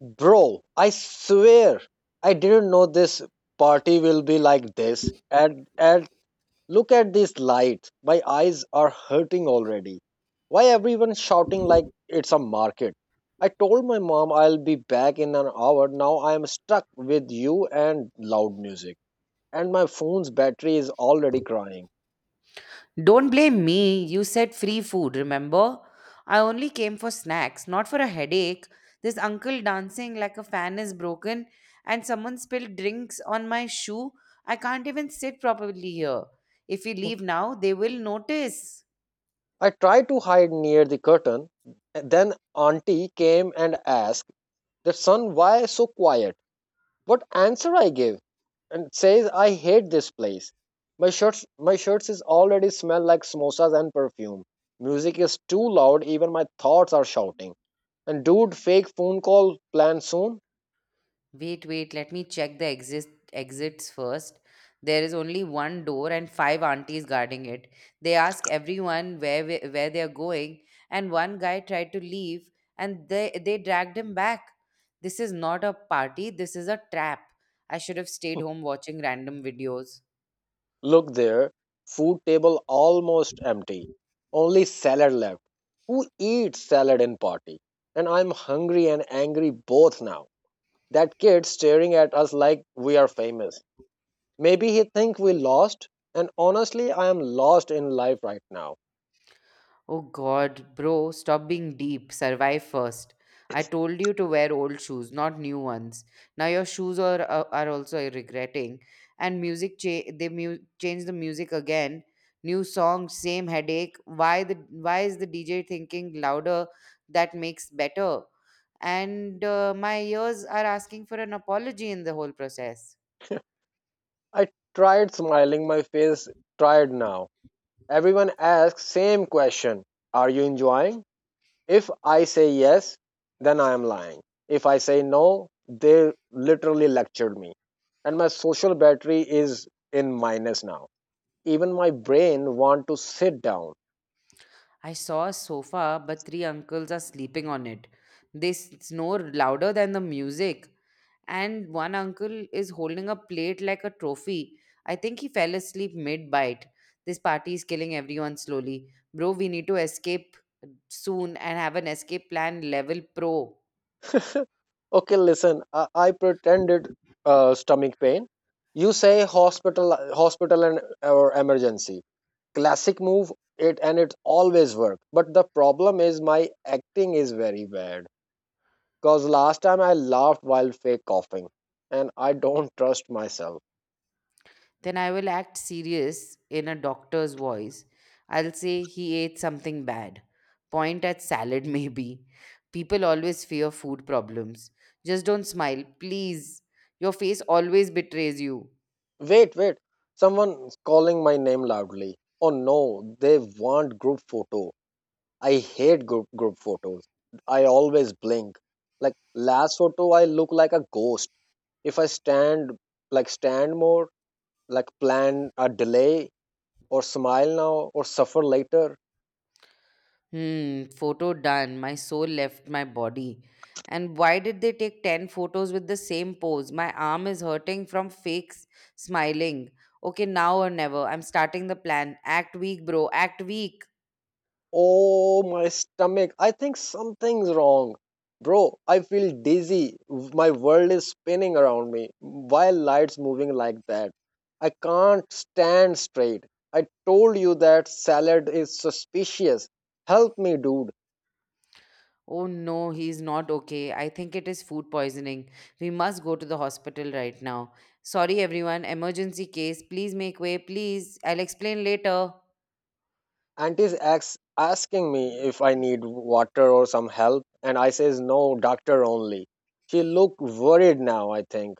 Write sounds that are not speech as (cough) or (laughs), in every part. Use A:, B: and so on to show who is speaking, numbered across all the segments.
A: Bro, I swear I didn't know this party will be like this. And look at these lights. My eyes are hurting already. Why everyone shouting like it's a market? I told my mom I'll be back in an hour. Now I am stuck with you and loud music. And my phone's battery is already crying.
B: Don't blame me. You said free food, remember? I only came for snacks, not for a headache. This uncle dancing like a fan is broken, and someone spilled drinks on my shoe. I can't even sit properly here. If we leave now, they will notice.
A: I tried to hide near the curtain. Then auntie came and asked the son why so quiet what answer I gave and says I hate this place. My shirts is already smell like samosas and perfume. Music is too loud, even my thoughts are shouting. And dude, fake phone call plan soon.
B: Wait, wait, let me check the exist exits first. There is only one door and five aunties guarding it. They ask everyone where they are going, and one guy tried to leave and they dragged him back. This is not a party, this is a trap. I should have stayed home watching random videos.
A: Look there, food table almost empty. Only salad left. Who eats salad in party? And I'm hungry and angry both now. That kid staring at us like we are famous. Maybe he think we lost, and honestly, I am lost in life right now.
B: Oh god, bro, stop being deep. Survive first. I told you to wear old shoes, not new ones. Now your shoes are also regretting. And they change the music again. New song, same headache. Why is the DJ thinking louder that makes better? And my ears are asking for an apology in the whole process.
A: I tried smiling, my face tried now. Everyone asks same question. Are you enjoying? If I say yes, then I am lying. If I say no, they literally lectured me. And my social battery is in minus now. Even my brain want to sit down.
B: I saw a sofa, but three uncles are sleeping on it. They snore louder than the music. And one uncle is holding a plate like a trophy. I think he fell asleep mid bite. This party is killing everyone slowly. Bro, we need to escape soon and have an escape plan level pro.
A: Okay, listen. I pretended stomach pain. You say hospital, hospital, and or emergency. Classic move. It always work. But the problem is my acting is very bad. Cause last time I laughed while fake coughing, and I don't trust myself.
B: Then I will act serious in a doctor's voice. I'll say he ate something bad. Point at salad, (laughs) maybe. People always fear food problems. Just don't smile, please. Your face always betrays you.
A: Wait, wait. Someone calling my name loudly. Oh no, they want group photo. I hate group photos. I always blink. Like last photo I look like a ghost. If I stand more, like plan a delay or smile now or suffer later.
B: Photo done. My soul left my body. And why did they take 10 photos with the same pose? My arm is hurting from fake smiling. Okay, now or never. I'm starting the plan. Act weak, bro. Act weak.
A: Oh my stomach. I think something's wrong. Bro, I feel dizzy. My world is spinning around me. Why lights moving like that? I can't stand straight. I told you that salad is suspicious. Help me, dude.
B: Oh no, he's not okay. I think it is food poisoning. We must go to the hospital right now. Sorry, everyone. Emergency case. Please make way. Please. I'll explain later.
A: Auntie's ex asking me if I need water or some help, and I says no, doctor only. She look worried now, I think.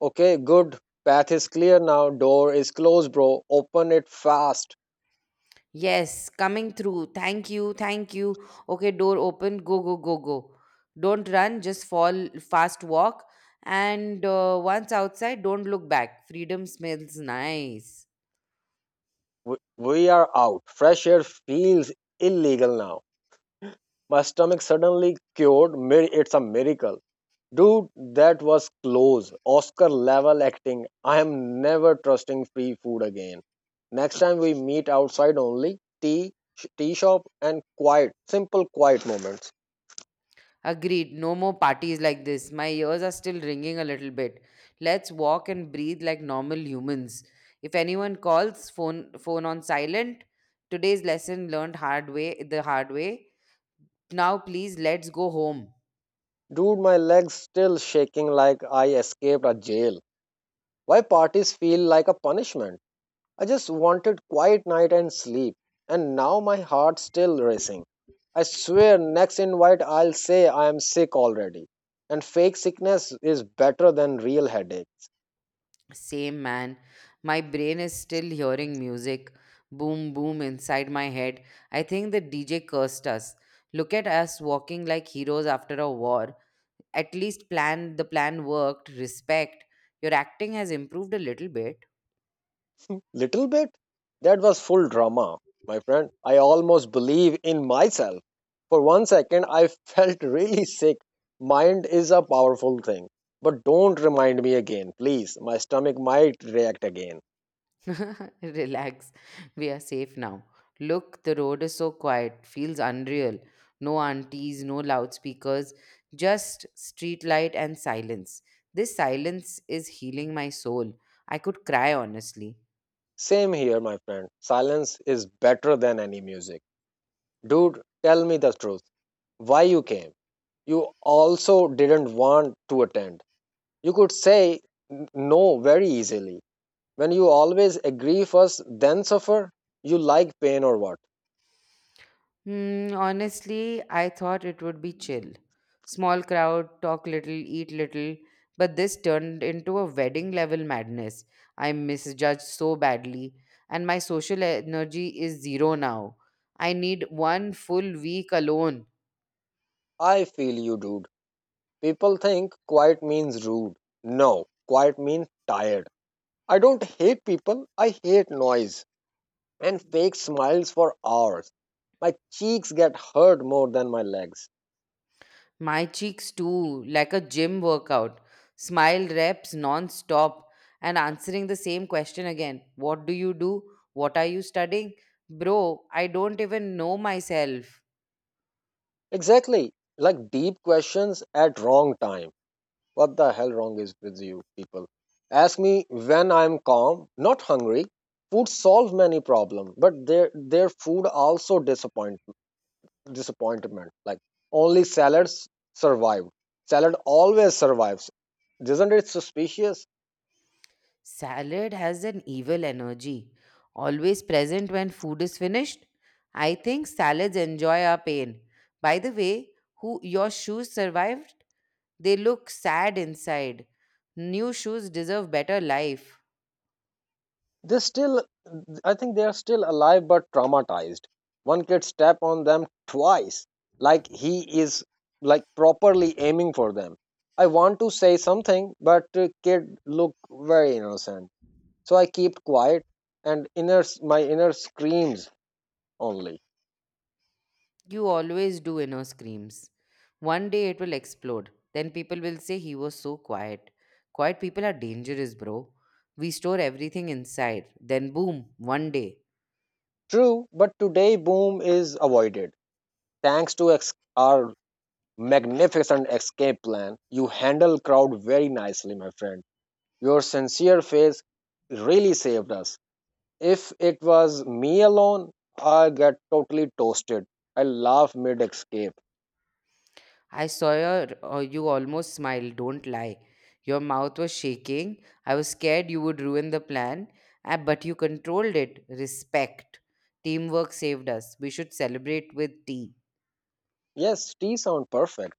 A: Okay, good. Path is clear now. Door is closed, bro. Open it fast.
B: Yes, coming through. Thank you, thank you. Okay, door open. Go, go, go, go. Don't run, just fall, fast walk. And once outside, don't look back. Freedom smells nice.
A: We are out. Fresh air feels illegal now. My stomach suddenly cured. It's a miracle. Dude, that was close. Oscar level acting. I am never trusting free food again. Next time we meet outside only tea, tea shop and quiet, simple quiet moments.
B: Agreed. No more parties like this. My ears are still ringing a little bit. Let's walk and breathe like normal humans. If anyone calls, phone on silent. Today's lesson learned hard way the hard way. Now please let's go home.
A: Dude, my legs still shaking like I escaped a jail. Why parties feel like a punishment? I just wanted quiet night and sleep, and now my heart's still racing. I swear next invite I'll say I am sick already. And fake sickness is better than real headache.
B: Same man. My brain is still hearing music. Boom, boom inside my head. I think the DJ cursed us. Look at us walking like heroes after a war. At least plan the plan worked. Respect. Your acting has improved a little bit.
A: Little bit? That was full drama, my friend. I almost believe in myself. For one second, I (laughs) felt really sick. Mind is a powerful thing. But don't remind me again, please. My stomach might react again.
B: (laughs) Relax, we are safe now. Look, the road is so quiet, feels unreal. No aunties, no loudspeakers, just streetlight and silence. This silence is healing my soul. I could cry honestly.
A: Same here, my friend. Silence is better than any music. Dude, tell me the truth. Why you came? You also didn't want to attend. You could say no very easily. When you always agree first, then suffer, you like pain or what?
B: Honestly, I thought it would be chill. Small crowd, talk little, eat little, but this turned into a wedding level madness. I misjudged so badly, and my social energy is zero now. I need one full week alone.
A: I feel you, dude. People think quiet means rude. No, quiet means tired. I don't hate people, I hate noise and fake smiles for hours. My cheeks get hurt more than my legs.
B: My cheeks too, like a gym workout. Smile reps non-stop and answering the same question again. What do you do? What are you studying? Bro, I don't even know myself.
A: Exactly, like deep questions at wrong time. What the hell wrong is with you people? Ask me when I'm calm, not hungry. Food solves many problems, but their food also disappointment. Like only salads survive. Salad always survives. Isn't it suspicious?
B: Salad has an evil energy, always present when food is finished. I think salads enjoy our pain. By the way, who your shoes survived? They look sad inside. New shoes deserve better life.
A: They still, I think they are still alive but traumatized. One kid step on them twice, like he is like properly aiming for them. I want to say something, but kid look very innocent. So I keep quiet and inner my inner screams only.
B: You always do inner screams. One day it will explode. Then people will say he was so quiet. Quiet people are dangerous, bro. We store everything inside. Then boom, one day.
A: True, but today boom is avoided thanks to our magnificent escape plan. You handle crowd very nicely, my friend. Your sincere face really saved us. If it was me alone, I get totally toasted. I laugh mid escape.
B: I saw you almost smiled, don't lie. Your mouth was shaking. I was scared you would ruin the plan, but you controlled it. Respect. Teamwork saved us. We should celebrate with tea.
A: Yes, tea sound perfect.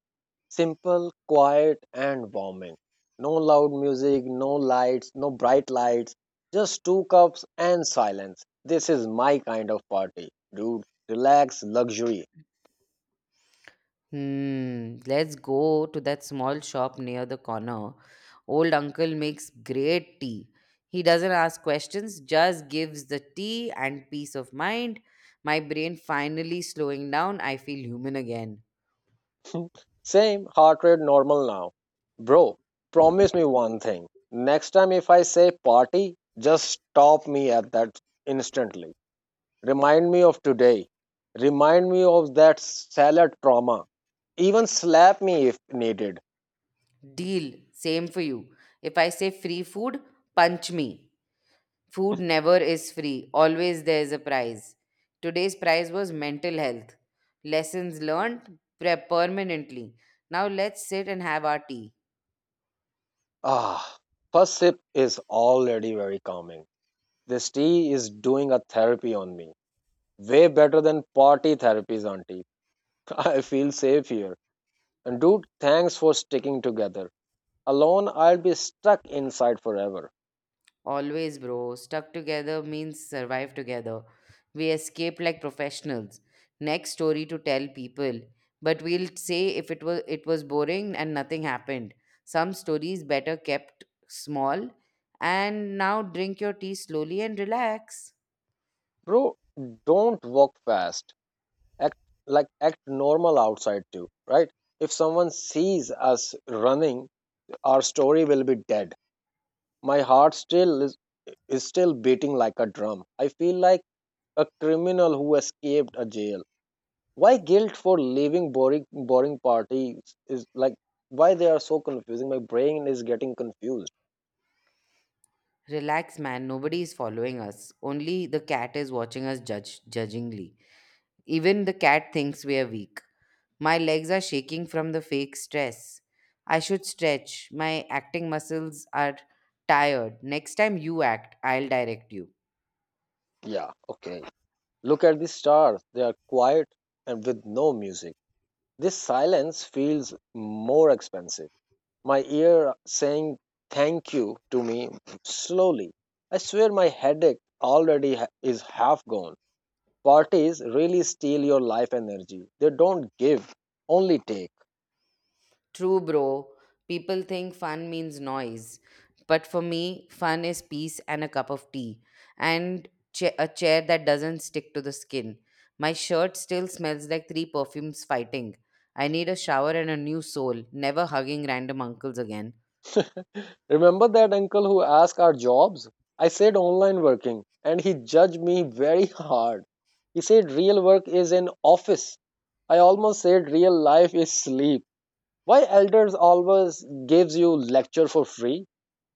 A: Simple, quiet, and warming. No loud music, no lights, no bright lights, just two cups and silence. This is my kind of party, dude. Relax, luxury.
B: Let's go to that small shop near the corner. Old uncle makes great tea. He doesn't ask questions, just gives the tea and peace of mind. My brain finally slowing down, I feel human again.
A: (laughs) Same, heart rate normal now. Bro, promise me one thing. Next time if I say party, just stop me at that instantly. Remind me of today. Remind me of that salad trauma. Even slap me if needed.
B: Deal, same for you. If I say free food, punch me. Food never is free, always there is a prize. Today's prize was mental health. Lessons learned permanently. Now let's sit and have our tea.
A: Ah, first sip is already very calming. This tea is doing a therapy on me. Way better than party therapies, auntie. (laughs) I feel safe here. And dude, thanks for sticking together. Alone, I'll be stuck inside forever.
B: Always, bro. Stuck together means survive together. We escaped like professionals. Next story to tell people. But we'll say if it was boring and nothing happened. Some stories better kept small. And now drink your tea slowly and relax.
A: Bro, don't walk fast. Act like act normal outside too, right? If someone sees us running, our story will be dead. My heart is still beating like a drum. I feel like a criminal who escaped a jail. Why guilt for leaving boring parties is like why they are so confusing. My brain is getting confused.
B: Relax, man. Nobody is following us. Only the cat is watching us judge judgingly. Even the cat thinks we are weak. My legs are shaking from the fake stress. I should stretch. My acting muscles are tired. Next time you act, I'll direct you.
A: Yeah, okay. Look at the stars. They are quiet and with no music. This silence feels more expensive. My ear saying thank you to me slowly. I swear my headache already is half gone. Parties really steal your life energy. They don't give, only take.
B: True, bro. People think fun means noise. But for me, fun is peace and a cup of tea and a chair that doesn't stick to the skin. My shirt still smells like three perfumes fighting. I need a shower and a new soul, never hugging random uncles again.
A: Remember that uncle who asked our jobs? I said online working and he judged me very (laughs) hard. He said real work is in office. I almost said real life is sleep. Why elders always gives you lecture for free?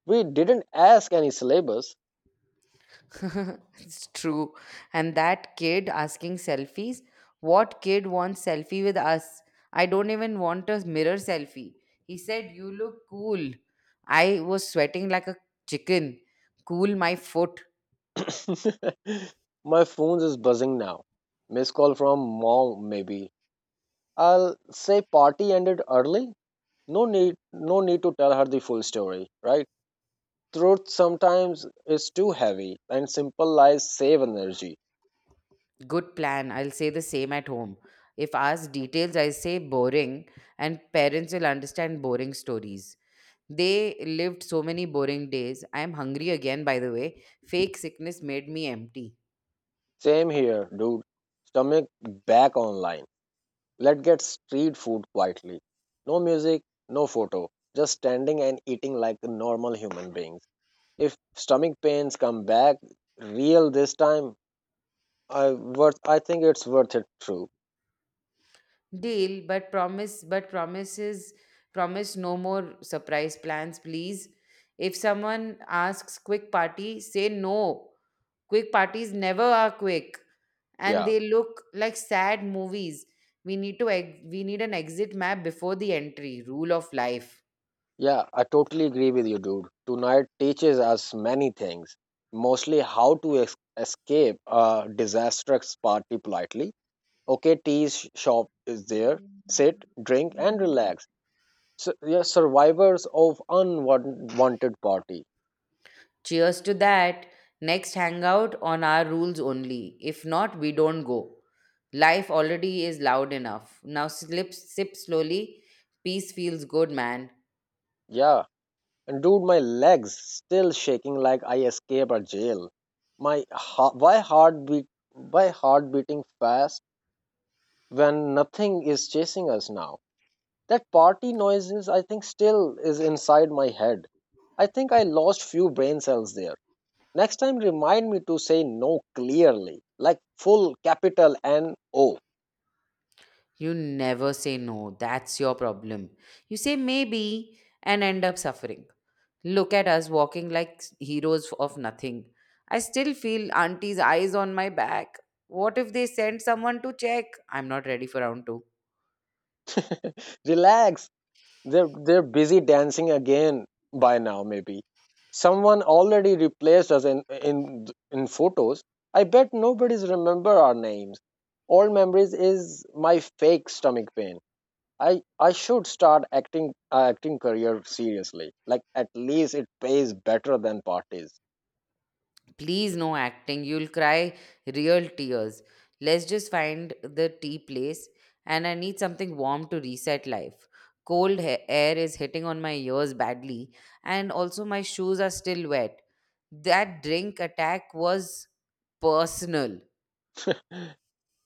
A: We didn't ask any syllabus.
B: (laughs) It's true. And that kid asking selfies, what kid wants selfie with us? I don't even want a mirror selfie. He said, "You look cool." I was sweating like a chicken. Cool my foot.
A: (coughs) (laughs) My phone is buzzing now. Missed call from mom, maybe. I'll say party ended early. No need to tell her the full story, right? Truth sometimes is too heavy, and simple lies save energy.
B: Good plan. I'll say the same at home. If asked details, I say boring, and parents will understand boring stories. They lived so many boring days. I am hungry again, by the way. Fake sickness made me empty.
A: Same here, dude. Stomach back online. Let's get street food quietly. No music, no photo. Just standing and eating like normal human beings. If stomach pains come back real this time, I think it's worth it true.
B: Deal, but promise no more surprise plans, please. If someone asks quick party, say no. Quick parties never are quick, and
A: Yeah.
B: they look like sad movies. We need an exit map before the entry. Rule of life.
A: Yeah, I totally agree with you, dude. Tonight teaches us many things, mostly how to escape a disastrous party politely. Okay, tea shop is there. Sit, drink, and relax. So, yeah, survivors of unwanted party.
B: Cheers to that. Next hangout on our rules only. If not, we don't go. Life already is loud enough. Now sip slowly. Peace feels good, man.
A: Yeah, and dude, my legs still shaking like I escaped a jail. My ha- why heart beat why heart beating fast when nothing is chasing us now. That party noises, I think, still is inside my head. I think I lost few brain cells there. Next time, remind me to say no clearly, like full capital N O.
B: You never say no. That's your problem. You say maybe and end up suffering. Look at us walking like heroes of nothing. I still feel auntie's eyes on my back. What if they send someone to check? I'm not ready for round two.
A: Relax. They're busy dancing again by now. Maybe someone already replaced us in in photos. I bet nobody's remember our names. All memories is my fake stomach pain. I should start acting career seriously. Like at least it pays better than parties.
B: Please, no acting. You'll cry real tears. Let's just find the tea place, and I need something warm to reset life. Cold air is hitting on my ears badly, and also my shoes are still wet. That drink attack was personal.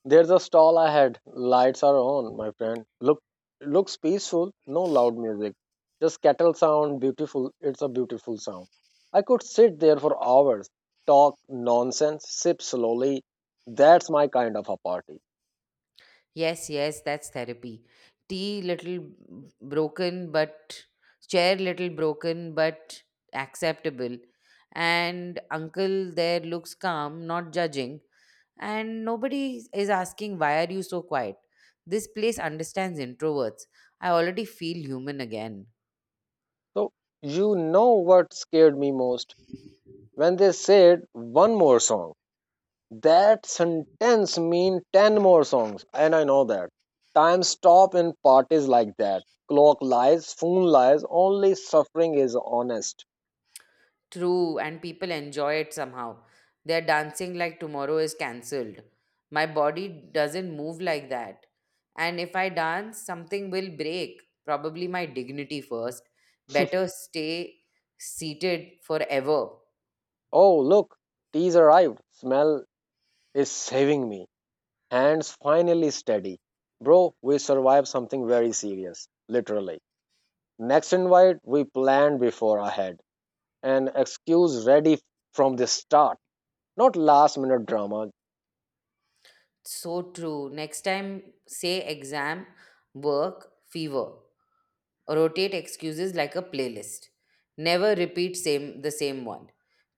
A: There's a stall ahead. Lights are on, my friend. Looks peaceful, no loud music. Just kettle sound, beautiful. It's a beautiful sound. I could sit there for hours, talk nonsense, sip slowly. That's my kind of a party.
B: Yes, yes, that's therapy. Tea little broken, but chair little broken, but acceptable. And uncle there looks calm, not judging, and nobody is asking why are you so quiet. This place understands introverts. I already feel human again.
A: So you know what scared me most when they said one more song. That sentence mean ten more songs, and I know that. Time stop in parties like that. Clock lies, phone lies, only suffering is honest.
B: True, and people enjoy it somehow. They're dancing like tomorrow is cancelled. My body doesn't move like that, and if I dance something will break, probably my dignity first. Better stay seated forever.
A: Oh look, tea's arrived. Smell is saving me. Hands finally steady. Bro, we survived something very serious, literally. Next invite we planned before ahead. An excuse ready from the start. Not last minute drama.
B: So true. Next time say exam, work, fever. Rotate excuses like a playlist. Never repeat same the same one.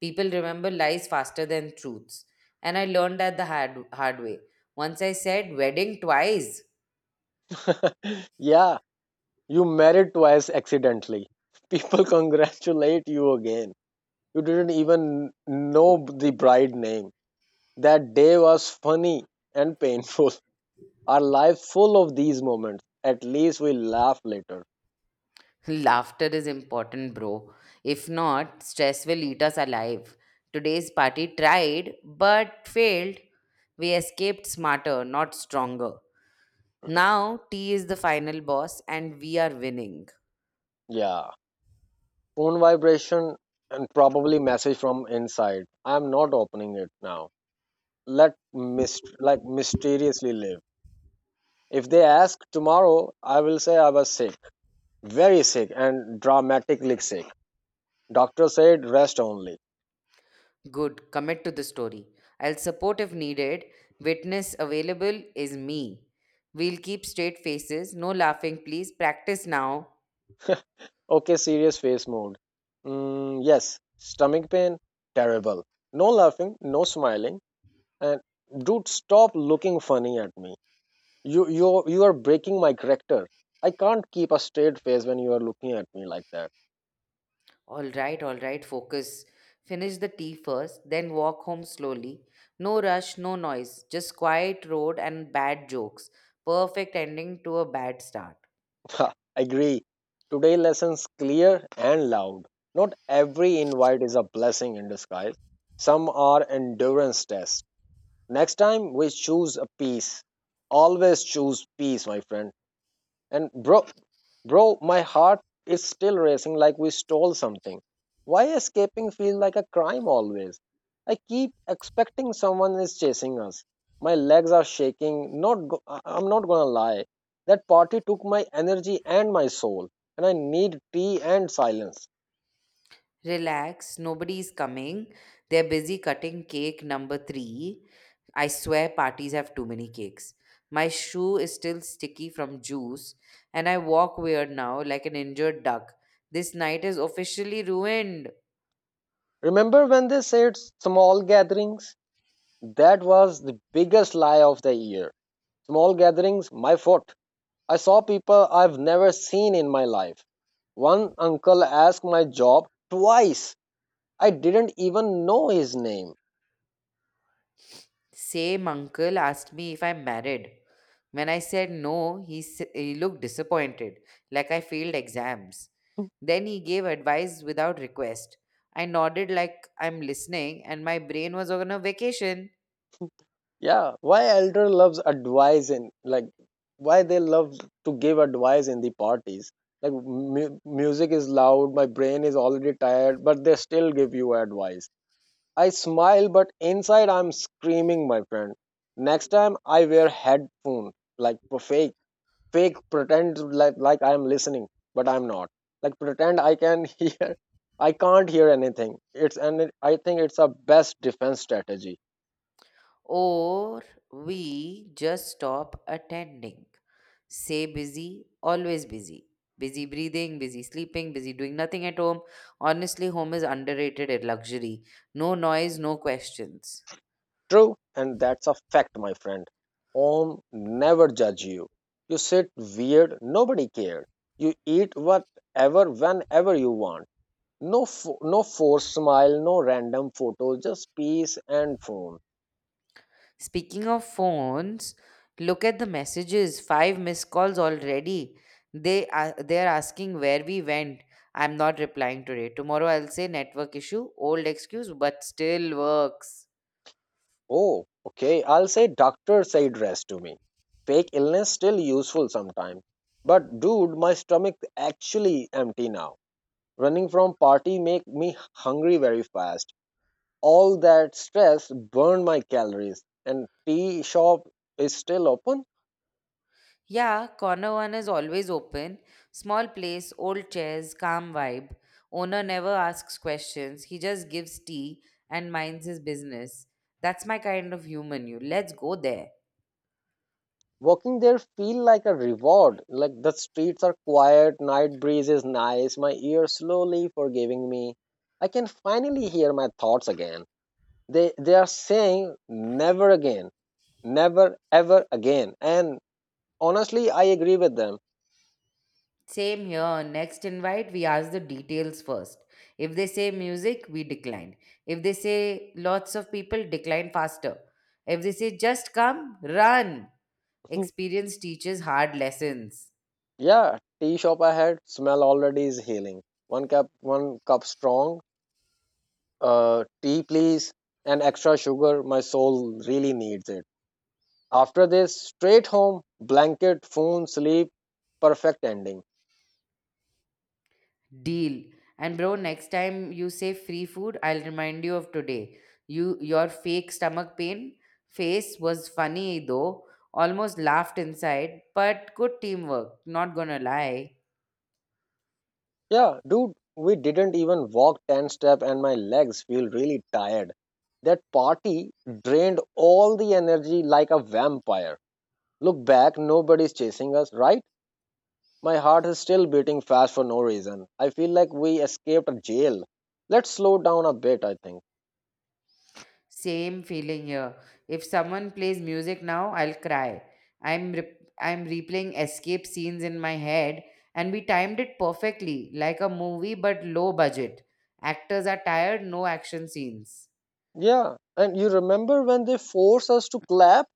B: People remember lies faster than truths, and I learned that the hard, hard way. Once I said wedding twice.
A: (laughs) Yeah, you married twice accidentally. People (laughs) congratulate you again. You didn't even know the bride name. That day was funny and painful. (laughs) Our life full of these moments. At least we laugh later.
B: (laughs) Laughter is important, bro. If not, stress will eat us alive. Today's party tried but failed. We escaped smarter, not stronger. Now tea is the final boss and we are winning.
A: Yeah. Phone vibration and probably message from inside. I'm not opening it now. Let mysteriously live. If they ask tomorrow, I will say I was sick, very sick and dramatically sick. Doctor said rest only.
B: Good. Commit to the story. I'll support if needed. Witness available is me. We'll keep straight faces. No laughing, please. Practice now.
A: Okay, serious face mood. Mm, yes, stomach pain, terrible. No laughing, no smiling, and dude, stop looking funny at me. You are breaking my character. I can't keep a straight face when you are looking at me like that.
B: All right, all right. Focus. Finish the tea first, then walk home slowly. No rush, no noise. Just quiet road and bad jokes. Perfect ending to a bad start.
A: (laughs) Agree. Today lessons clear and loud. Not every invite is a blessing in disguise. Some are endurance tests. Next time we choose a peace. Always choose peace, my friend. And bro, my heart is still racing like we stole something. Why escaping feels like a crime always? I keep expecting someone is chasing us. My legs are shaking. Not, go- I- I'm not gonna lie. That party took my energy and my soul, and I need tea and silence.
B: Relax, nobody is coming. They're busy cutting cake number three. I swear parties have too many cakes. My shoe is still sticky from juice, and I walk weird now like an injured duck. This night is officially ruined.
A: Remember when they said small gatherings? That was the biggest lie of the year. Small gatherings, my fault. I saw people I've never seen in my life. One uncle asked my job twice. I didn't even know his name.
B: Same uncle asked me if I'm married. When I said no, he looked disappointed, like I failed exams. Then he gave advice without request. I nodded like I'm listening, and my brain was on a vacation.
A: Yeah, why elder loves advice and like, why they love to give advice in the parties. Like music is loud, my brain is already tired, but they still give you advice. I smile, but inside I'm screaming, my friend. Next time I wear headphone, like profe- fake, pretend like I'm listening but I'm not, like pretend I can (laughs) hear, I can't hear anything. I think it's a best defense strategy.
B: Or we just stop attending. Say busy, always busy. Busy breathing, busy sleeping, busy doing nothing at home. Honestly, home is underrated at luxury. No noise, no questions.
A: True. And that's a fact, my friend. Om Never judge you, you sit weird, nobody cared, you eat whatever whenever you want, no forced smile, no random photos, just peace and phone.
B: Speaking of phones, look at the messages. Five missed calls already. They're asking where we went. I'm not replying today. Tomorrow I'll say network issue, old excuse, but still works.
A: Oh, okay. I'll say doctor said rest to me. Fake illness still useful sometimes. But dude, my stomach actually empty now. Running from party make me hungry very fast. All that stress burned my calories. And tea shop is still open.
B: Yeah, corner one is always open. Small place, old chairs, calm vibe. Owner never asks questions. He just gives tea and minds his business. That's my kind of human, you. Let's go there.
A: Walking there feel like a reward. Like the streets are quiet, night breeze is nice, my ear slowly forgiving me. I can finally hear my thoughts again. They are saying never again, never ever again, and honestly I agree with them.
B: Same here. Next invite, we ask the details first. If they say music, we decline. If they say lots of people, decline faster. If they say just come, run.
A: (laughs)
B: Experience teaches hard lessons.
A: Yeah, tea shop, I had smell already is healing. One cup strong tea, please. And extra sugar, my soul really needs it. After this, straight home, blanket, phone, sleep. Perfect ending.
B: Deal. And bro, next time you say free food, I'll remind you of today. Your fake stomach pain face was funny though. Almost laughed inside, but good teamwork, not gonna lie.
A: Yeah, dude, we didn't even walk 10 steps, and my legs feel really tired. That party drained all the energy like a vampire. Look back, nobody's chasing us, right? My heart is still beating fast for no reason. I feel like we escaped a jail. Let's slow down a bit, I think.
B: Same feeling here. If someone plays music now, I'll cry. I'm replaying escape scenes in my head, and we timed it perfectly, like a movie but low budget. Actors are tired, no action scenes.
A: Yeah, and you remember when they forced us to clap?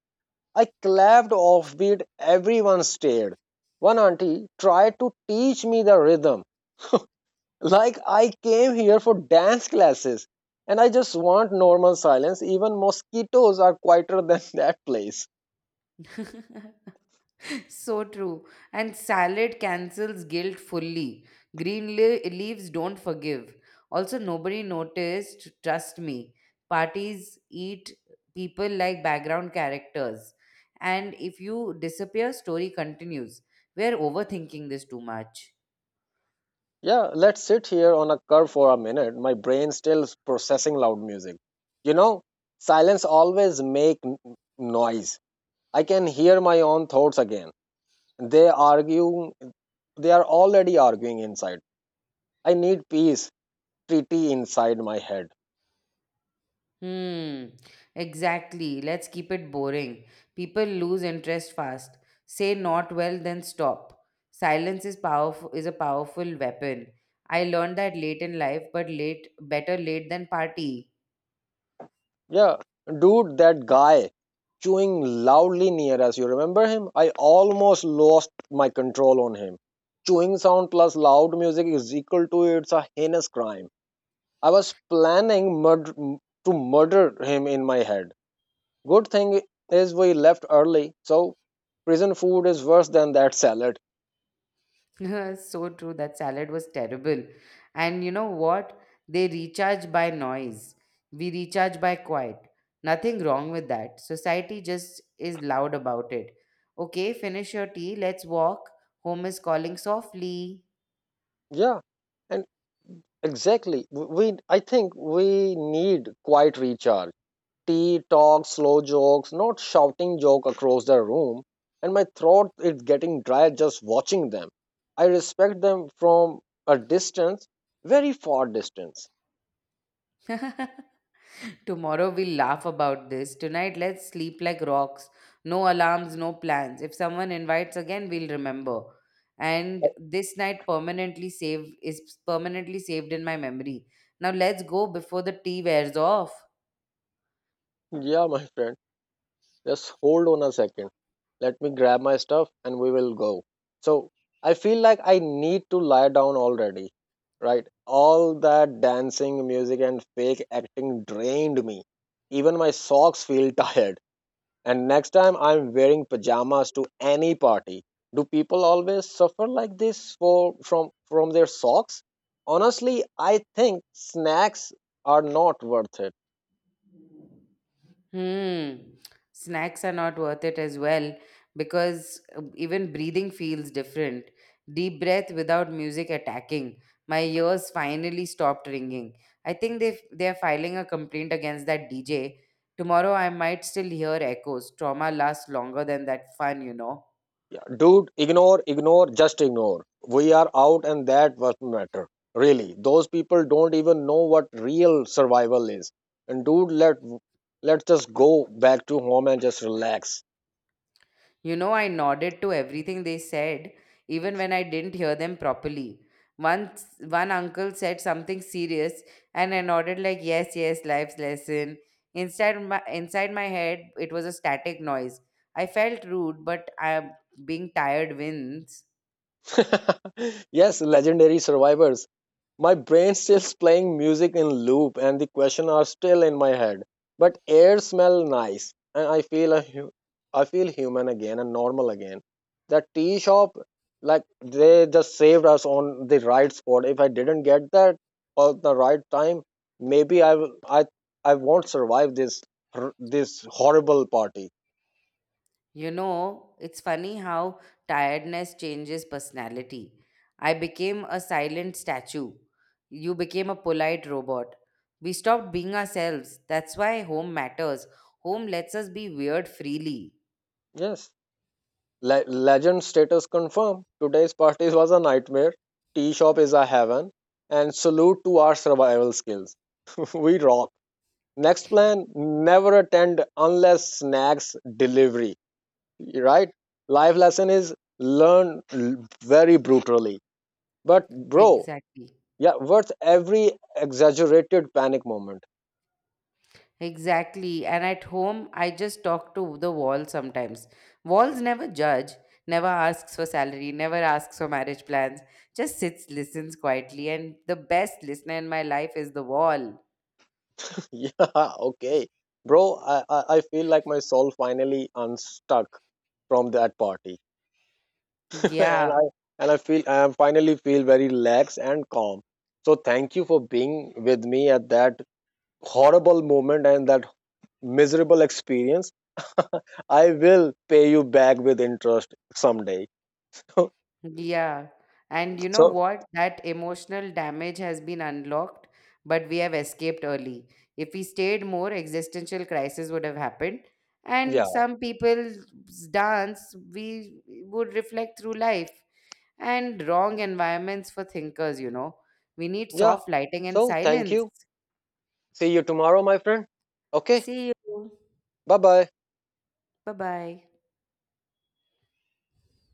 A: I clapped offbeat, everyone stared. One auntie tried to teach me the rhythm, like I came here for dance classes, and I just want normal silence. Even mosquitoes are quieter than (laughs) that place.
B: (laughs) So true. And salad cancels guilt fully. Green leaves don't forgive. Also, nobody noticed, trust me. Parties eat people like background characters. And if you disappear, story continues. We're overthinking this too much.
A: Yeah, let's sit here on a curb for a minute. My brain still is processing loud music. You know, silence always make noise. I can hear my own thoughts again. They argue, they are already arguing inside. I need peace, treaty inside my head.
B: Hmm, exactly. Let's keep it boring. People lose interest fast. Say not well, then stop. Silence is a powerful weapon. I learned that late in life, but late better late than party.
A: Yeah, dude, that guy chewing loudly near us. You remember him? I almost lost my control on him. Chewing sound plus loud music is equal to it's a heinous crime. I was planning murder, to murder him in my head. Good thing is we left early, so prison food is worse than that salad.
B: (laughs) So true. That salad was terrible. And you know what? They recharge by noise. We recharge by quiet. Nothing wrong with that. Society just is loud about it. Okay, finish your tea. Let's walk. Home is calling softly.
A: Yeah, and exactly. We I think we need quite recharge. Tea talk, slow jokes, not shouting joke across the room, and my throat is getting dry just watching them. I respect them from a distance, very far distance.
B: (laughs) (laughs) Tomorrow we'll laugh about this. Tonight let's sleep like rocks. No alarms, no plans. If someone invites again, we'll remember. And this night permanently saved is permanently saved in my memory. Now let's go before the tea wears off.
A: Yeah, my friend, just hold on a second. Let me grab my stuff and we will go. So I feel like I need to lie down already, right? All that dancing, music, and fake acting drained me. Even my socks feel (laughs) tired. And next time I'm wearing pajamas to any party. Do people always suffer like this for from their socks? Honestly, I think snacks are not worth it.
B: Hmm. Snacks are not worth it as well because even breathing feels different. Deep breath without music attacking. My ears finally stopped ringing. I think they are filing a complaint against that DJ. Tomorrow I might still hear echoes. Trauma lasts longer than that fun.
A: Yeah, dude, ignore, ignore, just ignore. We are out and that what matter. Really, those people don't even know what real survival is. And dude, let's just go back to home and just relax.
B: I nodded to everything they said, even when I didn't hear them properly. Once one uncle said something serious, and I nodded like, "Yes, yes, life's lesson." Inside my head, it was a static noise. I felt rude, but I being tired wins.
A: (laughs) Yes, legendary survivors. My brain stills playing music in loop and the question are still in my head. But air smell nice and I feel a I feel human again and normal again. That tea shop, like they just saved us on the right spot. If I didn't get that at the right time, maybe I won't survive this this horrible party.
B: It's funny how tiredness changes personality. I became a silent statue. You became a polite robot. We stopped being ourselves. That's why home matters. Home lets us be weird freely.
A: Yes. Legend status confirmed. Today's party was a nightmare. Tea shop is a heaven. And salute to our survival skills. (laughs) We rock. Next plan, never attend unless snacks delivery. Right? Life lesson is learn very brutally. But, bro,
B: Exactly.
A: yeah, worth every exaggerated panic moment.
B: Exactly. And at home, I just talk to the wall sometimes. Walls never judge, never asks for salary, never asks for marriage plans, just sits, listens quietly. And the best listener in my life is the wall.
A: (laughs) Yeah, okay. Bro, I feel like my soul finally unstuck from that party. (laughs) and
B: Yeah.
A: I and I feel I am finally feel very relaxed and calm. So thank you for being with me at that horrible moment and that miserable experience. (laughs) I will pay you back with interest someday. (laughs)
B: Yeah. And you know
A: So
B: what? That emotional damage has been unlocked, but we have escaped early. If we stayed more, existential crisis would have happened. And
A: yeah,
B: some people's dance, we would reflect through life and wrong environments for thinkers. We need
A: yeah.
B: soft lighting and
A: So thank
B: silence.
A: you. See you tomorrow, my friend. Okay.
B: See you.
A: Bye bye.
B: Bye bye.